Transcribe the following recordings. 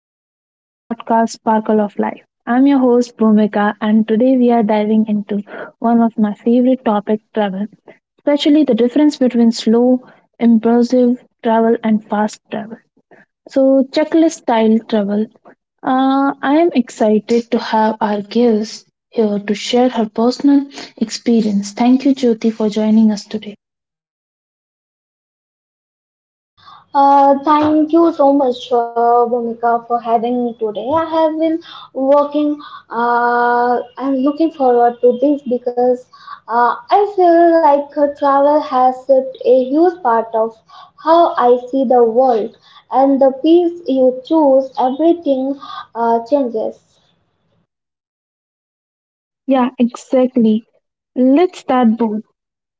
back to our podcast Sparkle of Life. I'm your host Bhumika, and today we are diving into one of my favorite topic travel, especially the difference between slow, impulsive travel and fast travel. So checklist style travel. I am excited to have our guest here to share her personal experience. Thank you Jyoti for joining us today. Thank you so much, Bhumika, for having me today. I have been working am looking forward to this because I feel like travel has shaped a huge part of how I see the world, and the piece you choose, everything changes. Yeah, exactly. Let's start, Boo.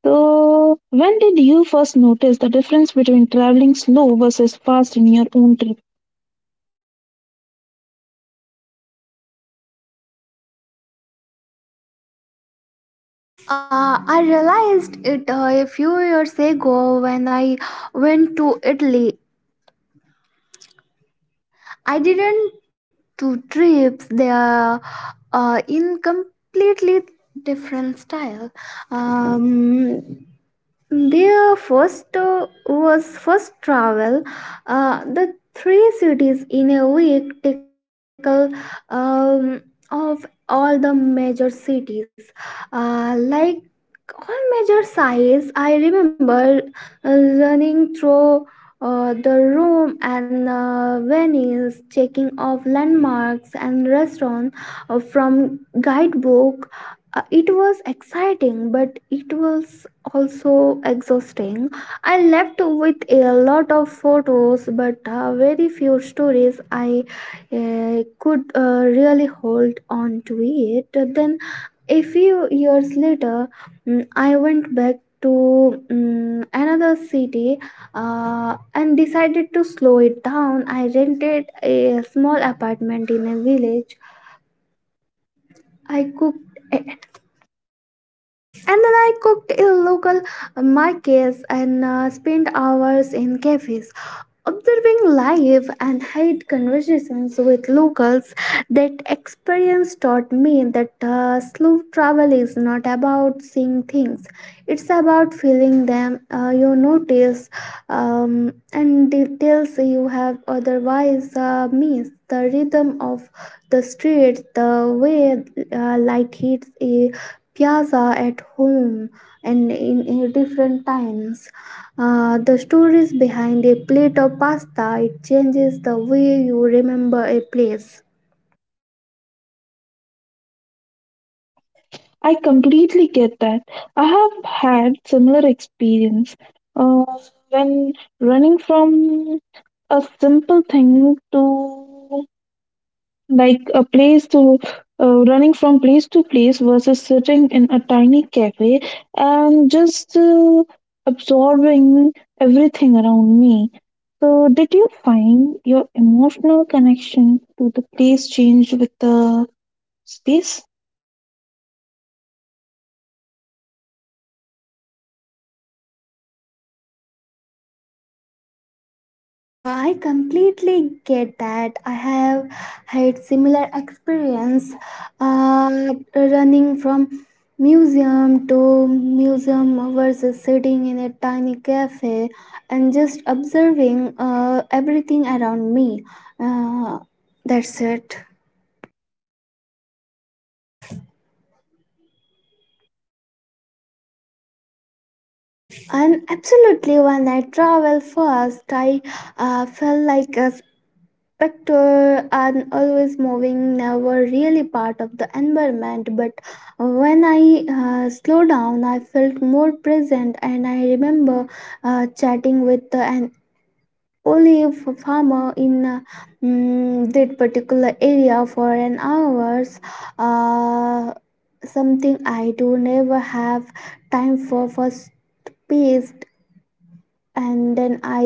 So, when did you first notice the difference between traveling slow versus fast in your own trip? I realized it a few years ago when I went to Italy. I didn't two trips. They are in completely different style. Um, their first was first travel. The three cities in a week tickle um, of all the major cities like all major sighs. I remember running through the room and venues, checking off landmarks and restaurants from guidebook. It was exciting, but it was also exhausting. I left with a lot of photos, but very few stories I could really hold on to it. Then a few years later I went back to another city and decided to slow it down. I rented a small apartment in a village. I cooked eh, and then I cooked in local markets and spent hours in cafes, observing live and held conversations with locals. That experience taught me that slow travel is not about seeing things; it's about feeling them. You notice um, and details you have otherwise missed. The rhythm of the streets, the way light hits a piazza at home and in different times. The stories behind a plate of pasta it changes the way you remember a place. I completely get that. I have had similar experience uh, when running from a simple thing to like a place to running from place to place versus sitting in a tiny cafe and just absorbing everything around me. So, did you find your emotional connection to the place change with the space? I completely get that. I have had similar experience uh, running from museum to museum versus sitting in a tiny cafe and just observing everything around me. Uh, that's it. And absolutely, when I travel first, I felt like a specter and always moving, never really part of the environment. But when I slowed down, I felt more present, and I remember chatting with an olive farmer in that particular area for an hours. Uh, Something I do never have time for space, and then I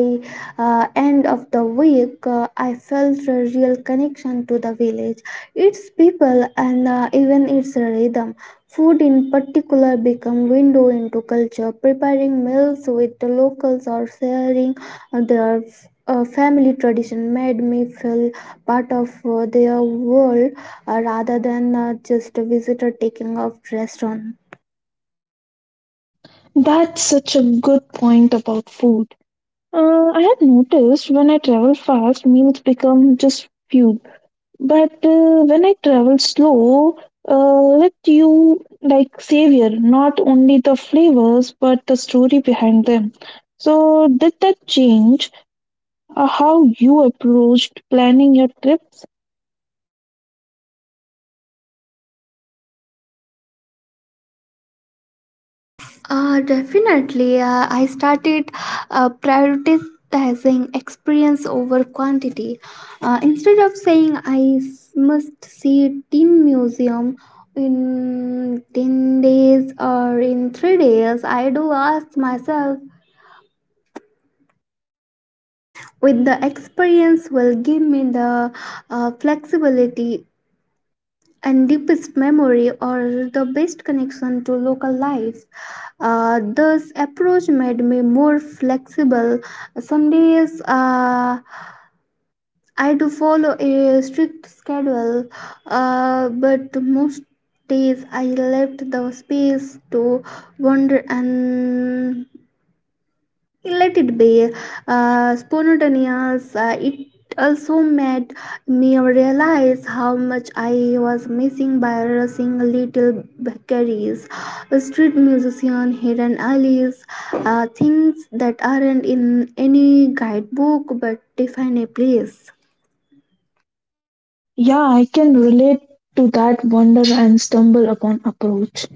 end of the week I felt a real connection to the village, its people and even its rhythm. Food in particular become window into culture, preparing meals with the locals or sharing their family tradition made me feel part of their world rather than just a visitor taking off restaurant. That's such a good point about food. I have noticed when I travel fast, meals become just fuel. But when I travel slow, let you like savor not only the flavors but the story behind them. So did that change how you approached planning your trips? Definitely. I started prioritizing experience over quantity. Instead of saying must see tin museum in 10 days or in 3 days, I do ask myself with the experience will give me the flexibility and deepest memory or the best connection to local life. This approach made me more flexible. Some days I do follow a strict schedule, but most days I left the space to wander and let it be. Spontaneous. It also made me realize how much I was missing by rushing little bakeries, street musician, hidden alleys, things that aren't in any guidebook but define a place. Yeah, I can relate to that wonder and stumble upon approach.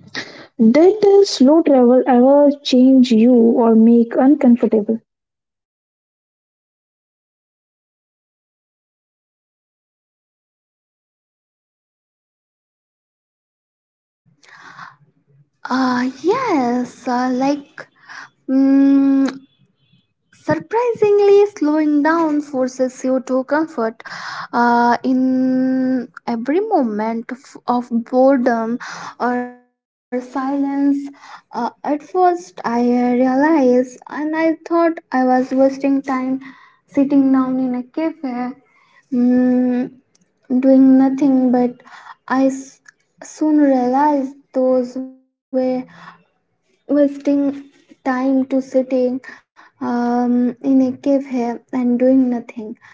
Did slow travel ever change you or make uncomfortable? Yes, like Mm, surprisingly slowing down forces you to comfort in every moment of boredom or silence. At first I realized and I thought I was wasting time sitting down in a cafe, mm, doing nothing, but i s- soon realized those were wasting time to sitting in a cave here and doing nothing.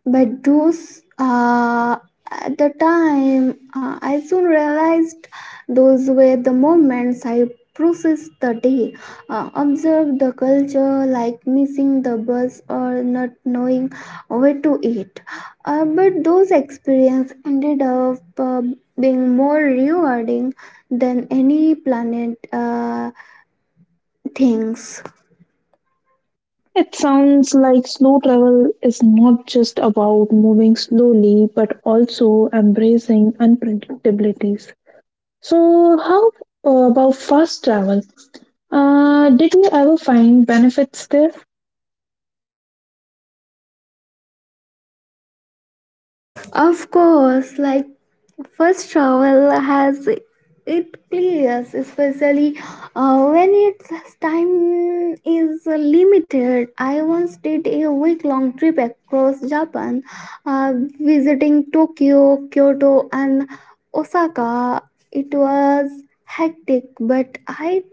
But those at the time, I soon realized those were the moments I processed the day, observed the culture, like missing the bus or not knowing where to eat. But those experiences ended up being more rewarding than any planet. Things. It sounds like slow travel is not just about moving slowly but also embracing unpredictabilities. So, how about fast travel? Did you ever find benefits there? Of course, like first travel has it clears, especially when its time is limited. I once did a week-long trip across Japan, uh, visiting Tokyo, Kyoto, and Osaka. It was hectic, but I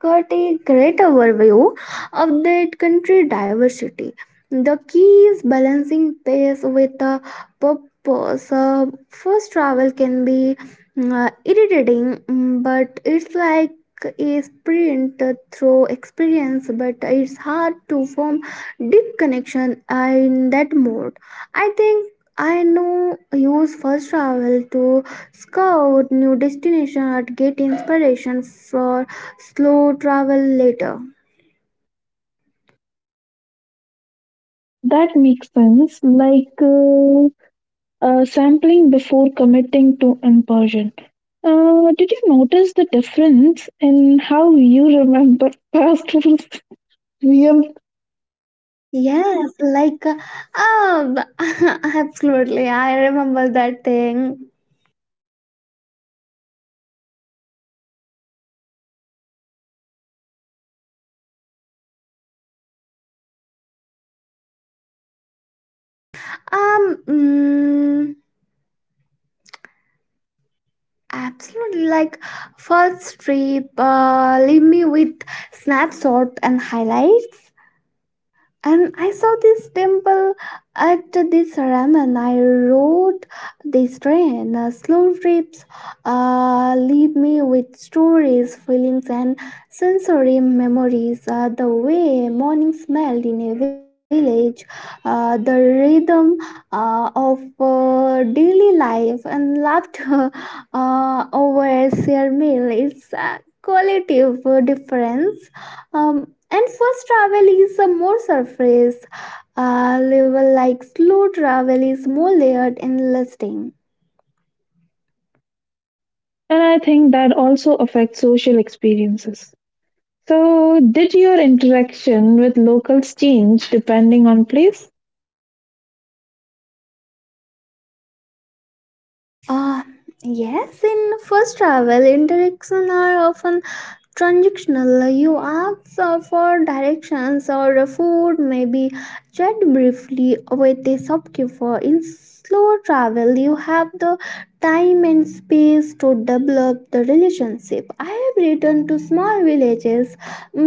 got a great overview of that country diversity. The key is balancing pace with the purpose. First travel can be irritating, but it's like a sprint through experience, but it's hard to form deep connection in that mode. I think I know use first travel to scout new destination or get inspiration for slow travel later. That makes sense, like sampling before committing to immersion. Did you notice the difference in how you remember past rules? Yes, like absolutely. I remember that thing. Um, mm, absolutely. Like first trip, leave me with snapshot and highlights. And I saw this temple at this ramen. I rode this train. Slow trips leave me with stories, feelings, and sensory memories. The way morning smelled in a village, the rhythm of daily life, and laughter over a shared meal. It's a qualitative difference. And first travel is a more surface level, like slow travel is more layered and lasting. And I think that also affects social experiences. So, did your interaction with locals change depending on place? Uh, yes, in first travel, interactions are often transactional. You ask for directions or food, maybe chat briefly with a shopkeeper. In slow travel you have the time and space to develop the relationship. I have returned to small villages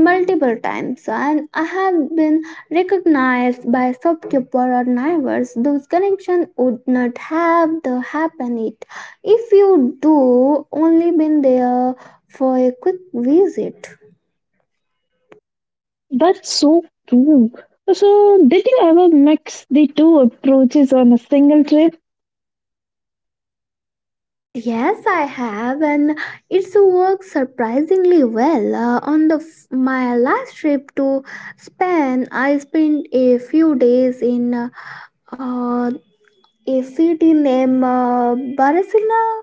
multiple times and I have been recognized by shopkeeper or neighbors. Those connections would not have the happen it if you do only been there for a quick visit. That's so true. So, did you ever mix the two approaches on a single trip? Yes, I have, and it's worked surprisingly well. On my last trip to Spain, I spent a few days in uh, a city named Barcelona.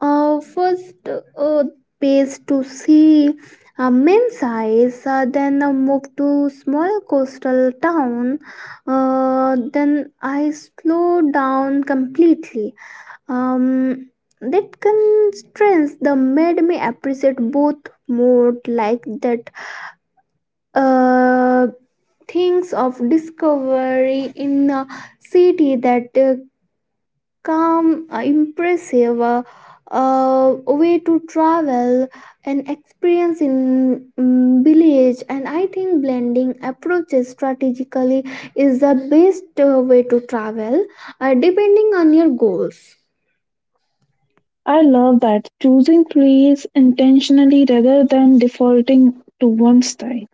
First, uh, base to see main size, then moved to small coastal town. Then I slowed down completely. um that constraints the made me appreciate both more, like that uh things of discovery in a city that calm impressive way to travel and experience in village. And I think blending approaches strategically is the best way to travel depending on your goals. I love that. Choosing place intentionally rather than defaulting to one style.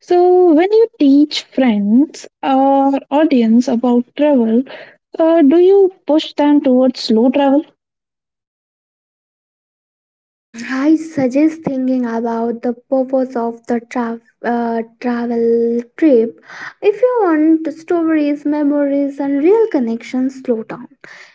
So, when you teach friends or audience about travel, do you push them towards slow travel? I suggest thinking about the purpose of the travel trip. If you want stories, memories, and real connections, slow down.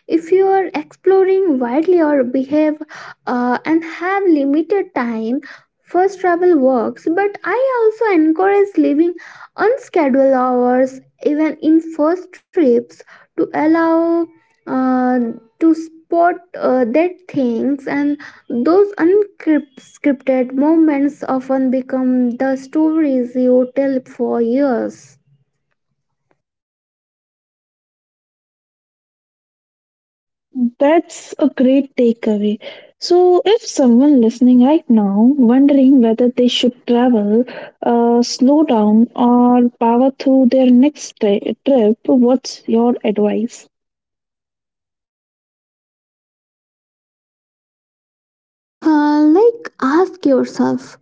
If you are exploring widely or behave and have limited time, first travel works, but I also encourage leaving unscheduled hours even in first trips to allow uh, to spot that things. And those unscripted moments often become the stories you tell for years. That's a great takeaway. So, if someone listening right now wondering whether they should travel, slow down, or power through their next trip, what's your advice? Like ask yourself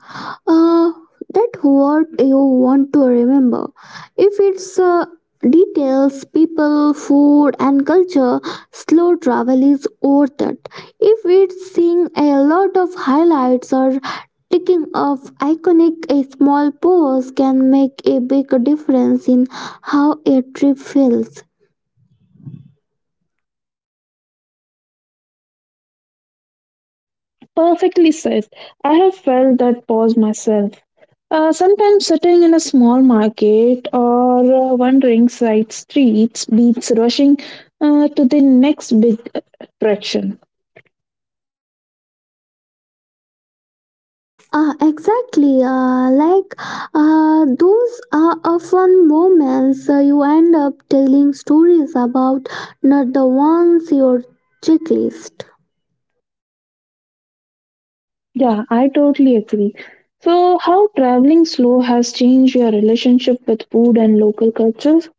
uh, that what you want to remember. If it's details, people, food and culture, slow travel is worth it. If it's seeing a lot of highlights or ticking off iconic, a small pose can make a big difference in how a trip feels. Perfectly said. I have felt that pause myself. Sometimes sitting in a small market or wandering side streets beats rushing to the next big attraction. Exactly. Like those are often moments you end up telling stories about, not the ones your checklist. Yeah, I totally agree. So, how traveling slow has changed your relationship with food and local cultures?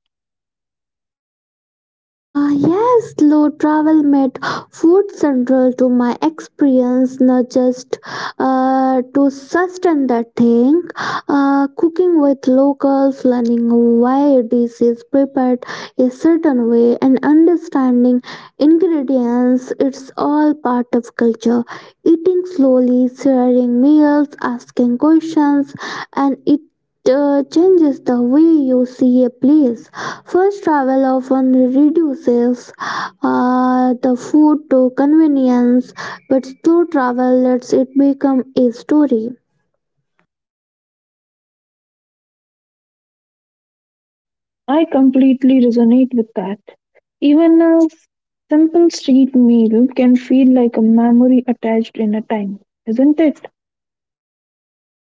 Ah, yes, slow travel made food central to my experience, not just to sustain the thing. Cooking with locals, learning why dish is prepared a certain way, and understanding ingredients, it's all part of culture. Eating slowly, sharing meals, asking questions, and it changes the way you see a place. First travel often reduces the food to convenience, but slow travel lets it become a story. I completely resonate with that. Even a simple street meal can feel like a memory attached in a time, isn't it?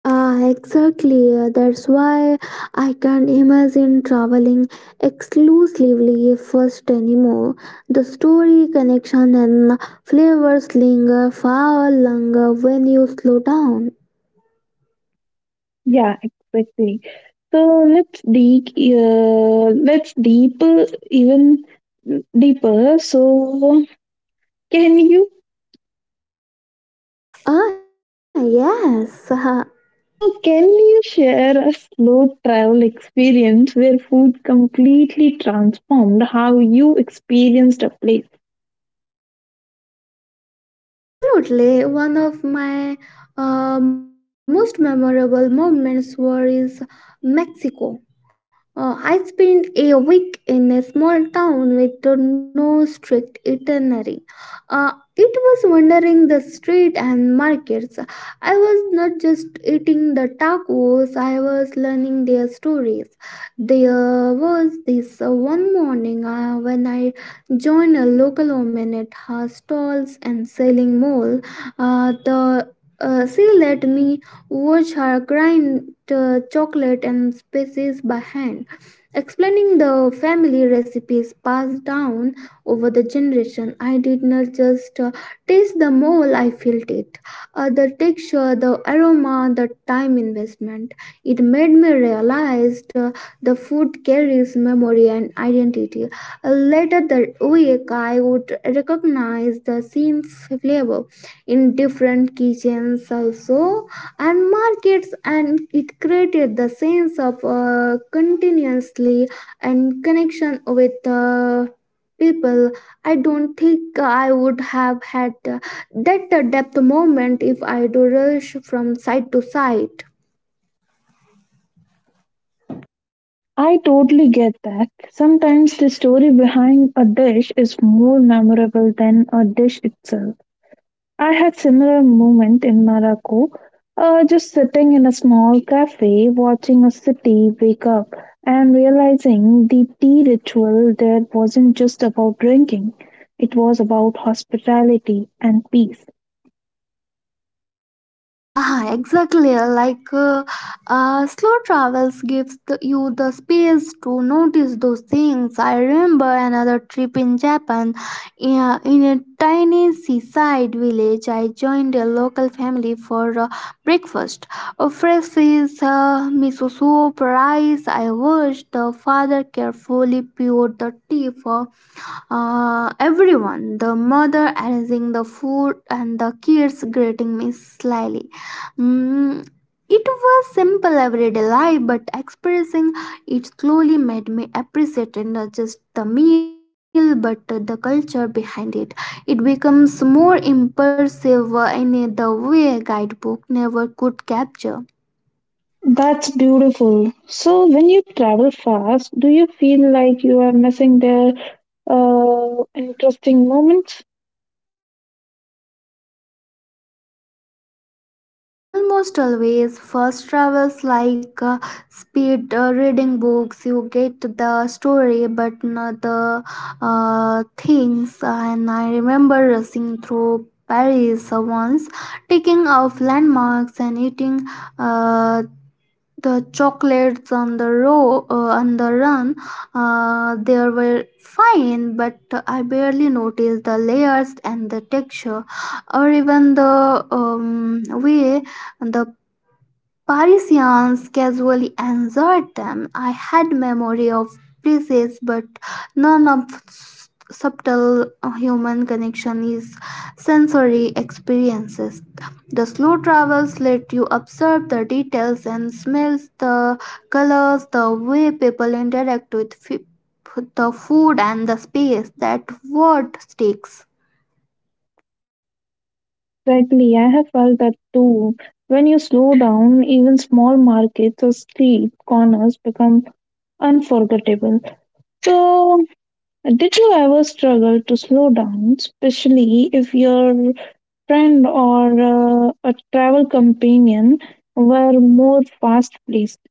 Ah, exactly. That's why I can't imagine traveling exclusively first anymore. The story, connection, and flavors linger far longer when you slow down. Yeah, exactly. So let's deep even deeper. Can you Ah, yes. So, can you share a slow travel experience where food completely transformed how you experienced a place? Mm, absolutely. One of my most memorable moments was Mexico. I spent a week in a small town with no strict itinerary. It was wandering the street and markets. I was not just eating the tacos, I was learning their stories. There was this one morning when I joined a local woman at her stalls and selling mole. The She let me watch her grind chocolate and spices by hand. Explaining the family recipes passed down over the generation, I did not just taste the mole, I felt it. The texture, the aroma, the time investment. It made me realize the food carries memory and identity. Later that week, I would recognize the same flavor in different kitchens also and markets, and it created the sense of continuously and connection with people. I don't think I would have had that depth moment if I do rush from side to side. I totally get that. Sometimes the story behind a dish is more memorable than a dish itself. I had similar moment in Morocco, just sitting in a small cafe watching a city wake up and realizing the tea ritual there wasn't just about drinking. It was about hospitality and peace. Ah, exactly. Like slow travels gives you the space to notice those things. I remember another trip in Japan. Yeah, in a tiny seaside village, I joined a local family for breakfast. A fresh fish, miso soup, rice. I watched the father carefully peel the tea for everyone, the mother arranging the food and the kids greeting me slyly. Mm, it was simple everyday life, but experiencing it slowly made me appreciate it, not just the meal but the culture behind it. It becomes more impressive in the way guidebook never could capture. That's beautiful. So when you travel fast, do you feel like you are missing their interesting moments? Almost always, first travels like speed reading books. You get the story, but not the things. And I remember rushing through Paris once, taking off landmarks and eating uh, the chocolates on the row on the run. They were fine, but I barely noticed the layers and the texture, or even the way the Parisians casually answered them. I had memory of places, but none of subtle human connection is sensory experiences. The slow travels let you observe the details and smells, the colors, the way people interact with the food and the space. That word sticks. Exactly, I have felt that too. When you slow down, even small markets or street corners become unforgettable. So, did you ever struggle to slow down, especially if your friend or a travel companion were more fast paced?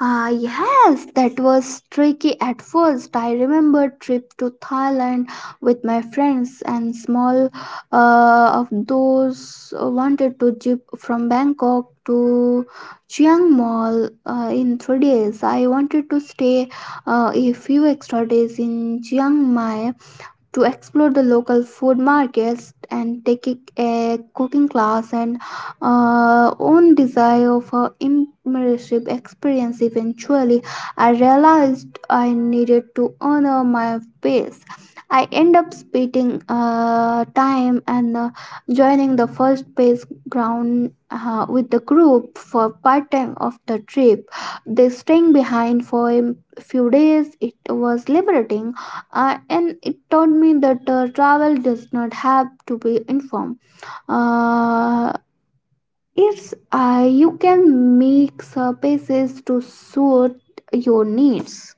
Ah, yes, that was tricky at first. I remember trip to Thailand with my friends and small of those wanted to jeep from Bangkok to Chiang Mai in 3 days. I wanted to stay a few extra days in Chiang Mai to explore the local food markets and taking a cooking class, and own desire of a immersive experience. Eventually I realized I needed to honor my pace. I end up spending time, and joining the first base ground with the group for part time of the trip, they staying behind for a few days. It was liberating, and it taught me that travel does not have to be informed. Uh, it's you can make spaces to suit your needs.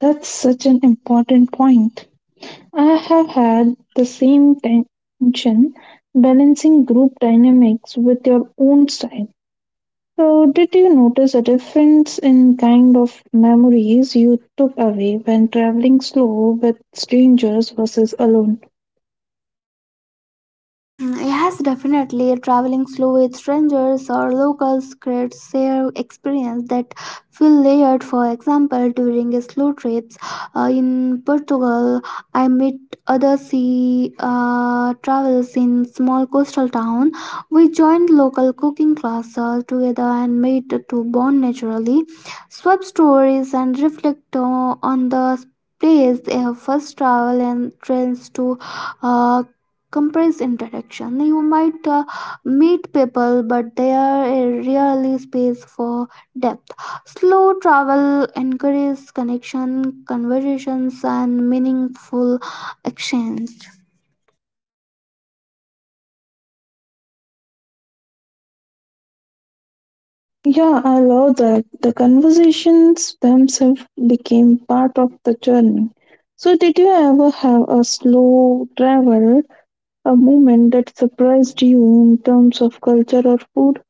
That's such an important point. I have had the same tension balancing group dynamics with your own style. So, did you notice a difference in kind of memories you took away when traveling slow with strangers versus alone? Mm, yes, definitely. Traveling slow with strangers or locals creates shared experience that feel layered. For example, during a slow trips in Portugal, I met other sea travelers in small coastal town. We joined local cooking classes together and made to bond naturally, swap stories and reflect on the place. Their first travel and trends to uh, compressed interaction. You might meet people, but there is rarely space for depth. Slow travel encourages connection, conversations, and meaningful exchange. Yeah, I love that. The conversations themselves became part of the journey. So, did you ever have a slow travel, a moment that surprised you in terms of culture or food?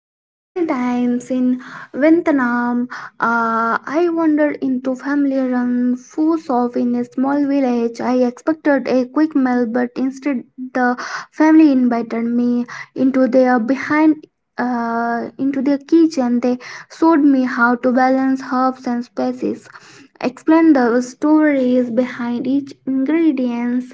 So many times in Vietnam, I wandered into family-run food shop in a small village. I expected a quick meal, but instead the family invited me into their behind into their kitchen. They showed me how to balance herbs and spices, explained the stories behind each ingredients,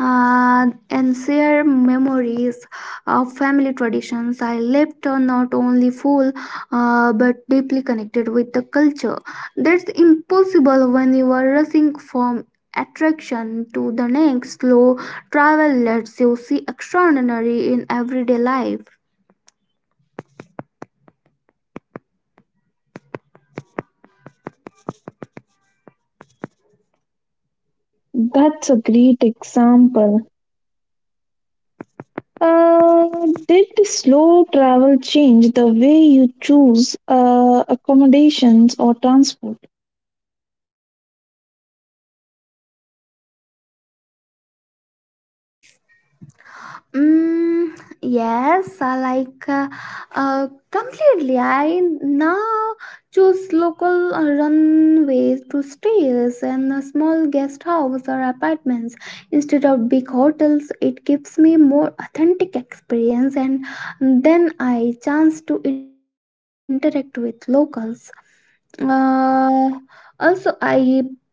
and share memories of family traditions. I left not only full but deeply connected with the culture. That's impossible when you are rushing from attraction to the next. Slow travel lets you see extraordinary in everyday life. That's a great example. Did slow travel change the way you choose accommodations or transport? Mm, yes, I like completely. I now choose local runways to stays and small guest house or apartments instead of big hotels. It gives me more authentic experience, and then I chance to interact with locals. Uh, Also, I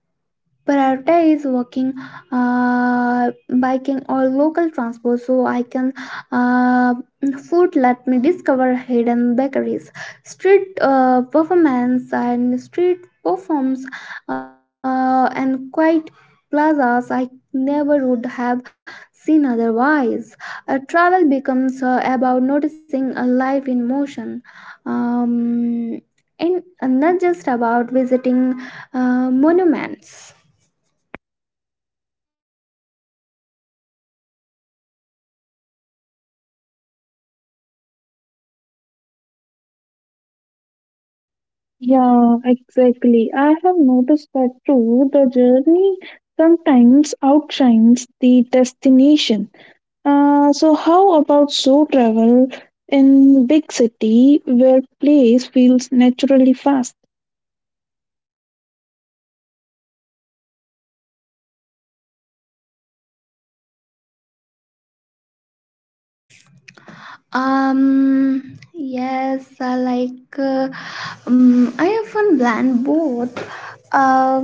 prioritize walking, uh, biking or local transport, so I can uh, food let me discover hidden bakeries, street performance and street performs, and quiet plazas I never would have seen otherwise. Travel becomes about noticing a life in motion, um, and not just about visiting monuments. Yeah, exactly. I have noticed that too. The journey sometimes outshines the destination. So, how about slow travel in big city where place feels naturally fast? Yes, I often blend both. Uh,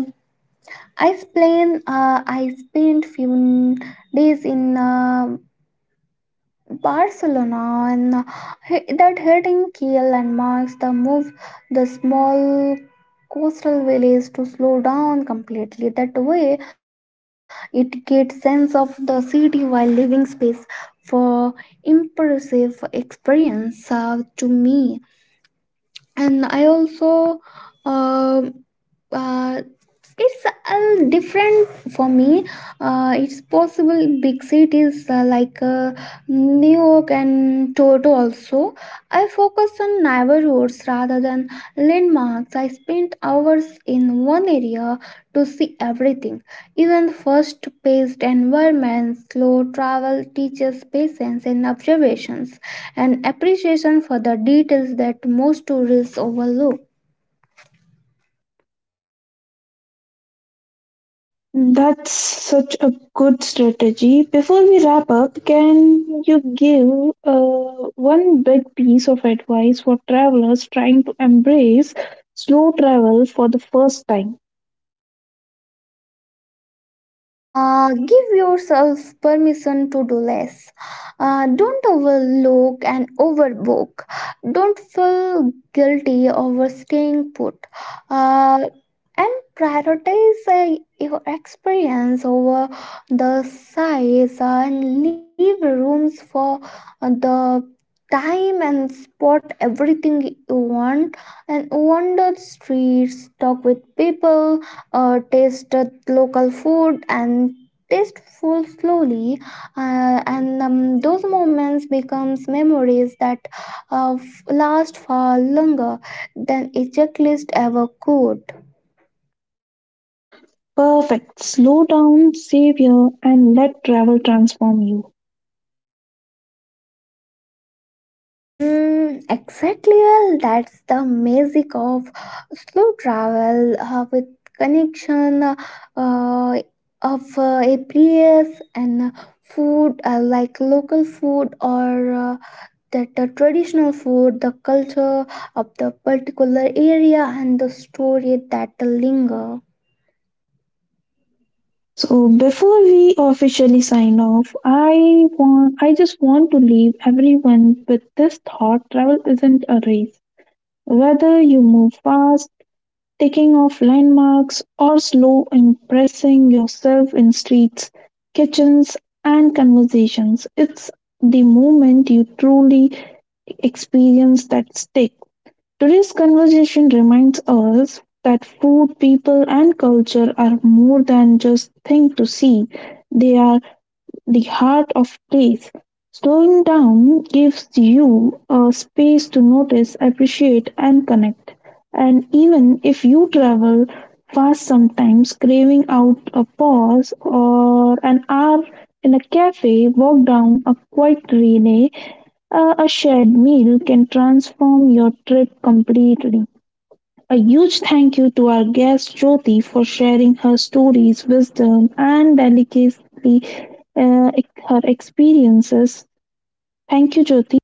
I spent few days in Barcelona, and that hitting key landmarks, the move the small coastal village to slow down completely. That way it gets sense of the city while leaving space for impressive experience to me. And I also uh, uh, it's different for me. It's possible big cities New York and Toronto also. I focus on neighborhoods rather than landmarks. I spent hours in one area to see everything. Even first paced environments, slow travel teaches patience and observations and appreciation for the details that most tourists overlook. That's such a good strategy. Before we wrap up, can you give one big piece of advice for travelers trying to embrace slow travel for the first time? Give yourself permission to do less. Don't overlook and overbook. Don't feel guilty over staying put. Uh, and prioritize your experience over the size, and leave rooms for the time and spot everything you want, and wander streets, talk with people, taste local food and taste food slowly. And those moments becomes memories that last far longer than a checklist ever could. Perfect. Slow down, save here, and let travel transform you. Mm, exactly. Well, that's the magic of slow travel, with connection uh, of a place, and food, like local food, or that the traditional food, the culture of the particular area, and the story that linger. So before we officially sign off, I just want to leave everyone with this thought: travel isn't a race. Whether you move fast taking off landmarks, or slow impressing yourself in streets, kitchens, and conversations. It's the moment you truly experience that stick. Today's conversation reminds us that food, people, and culture are more than just things to see. They are the heart of place. Slowing down gives you a space to notice, appreciate, and connect. And even if you travel fast sometimes, craving out a pause or an hour in a cafe, walk down a quiet relay, a shared meal can transform your trip completely. A huge thank you to our guest Jyoti for sharing her stories, wisdom, and delicately uh, her experiences. Thank you, Jyoti.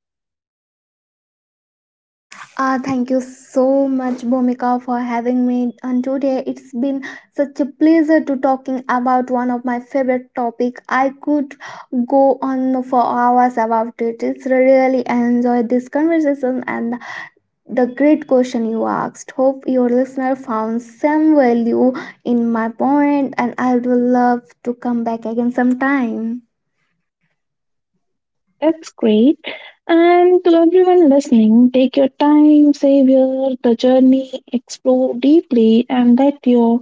Ah, thank you so much, Bhumika, for having me on today. It's been such a pleasure to talking about one of my favorite topic. I could go on for hours about it. It's really enjoyed this conversation and the great question you asked. Hope your listener found some value in my point, and I would love to come back again sometime. That's great. And to everyone listening, take your time, savor the journey, explore deeply, and let your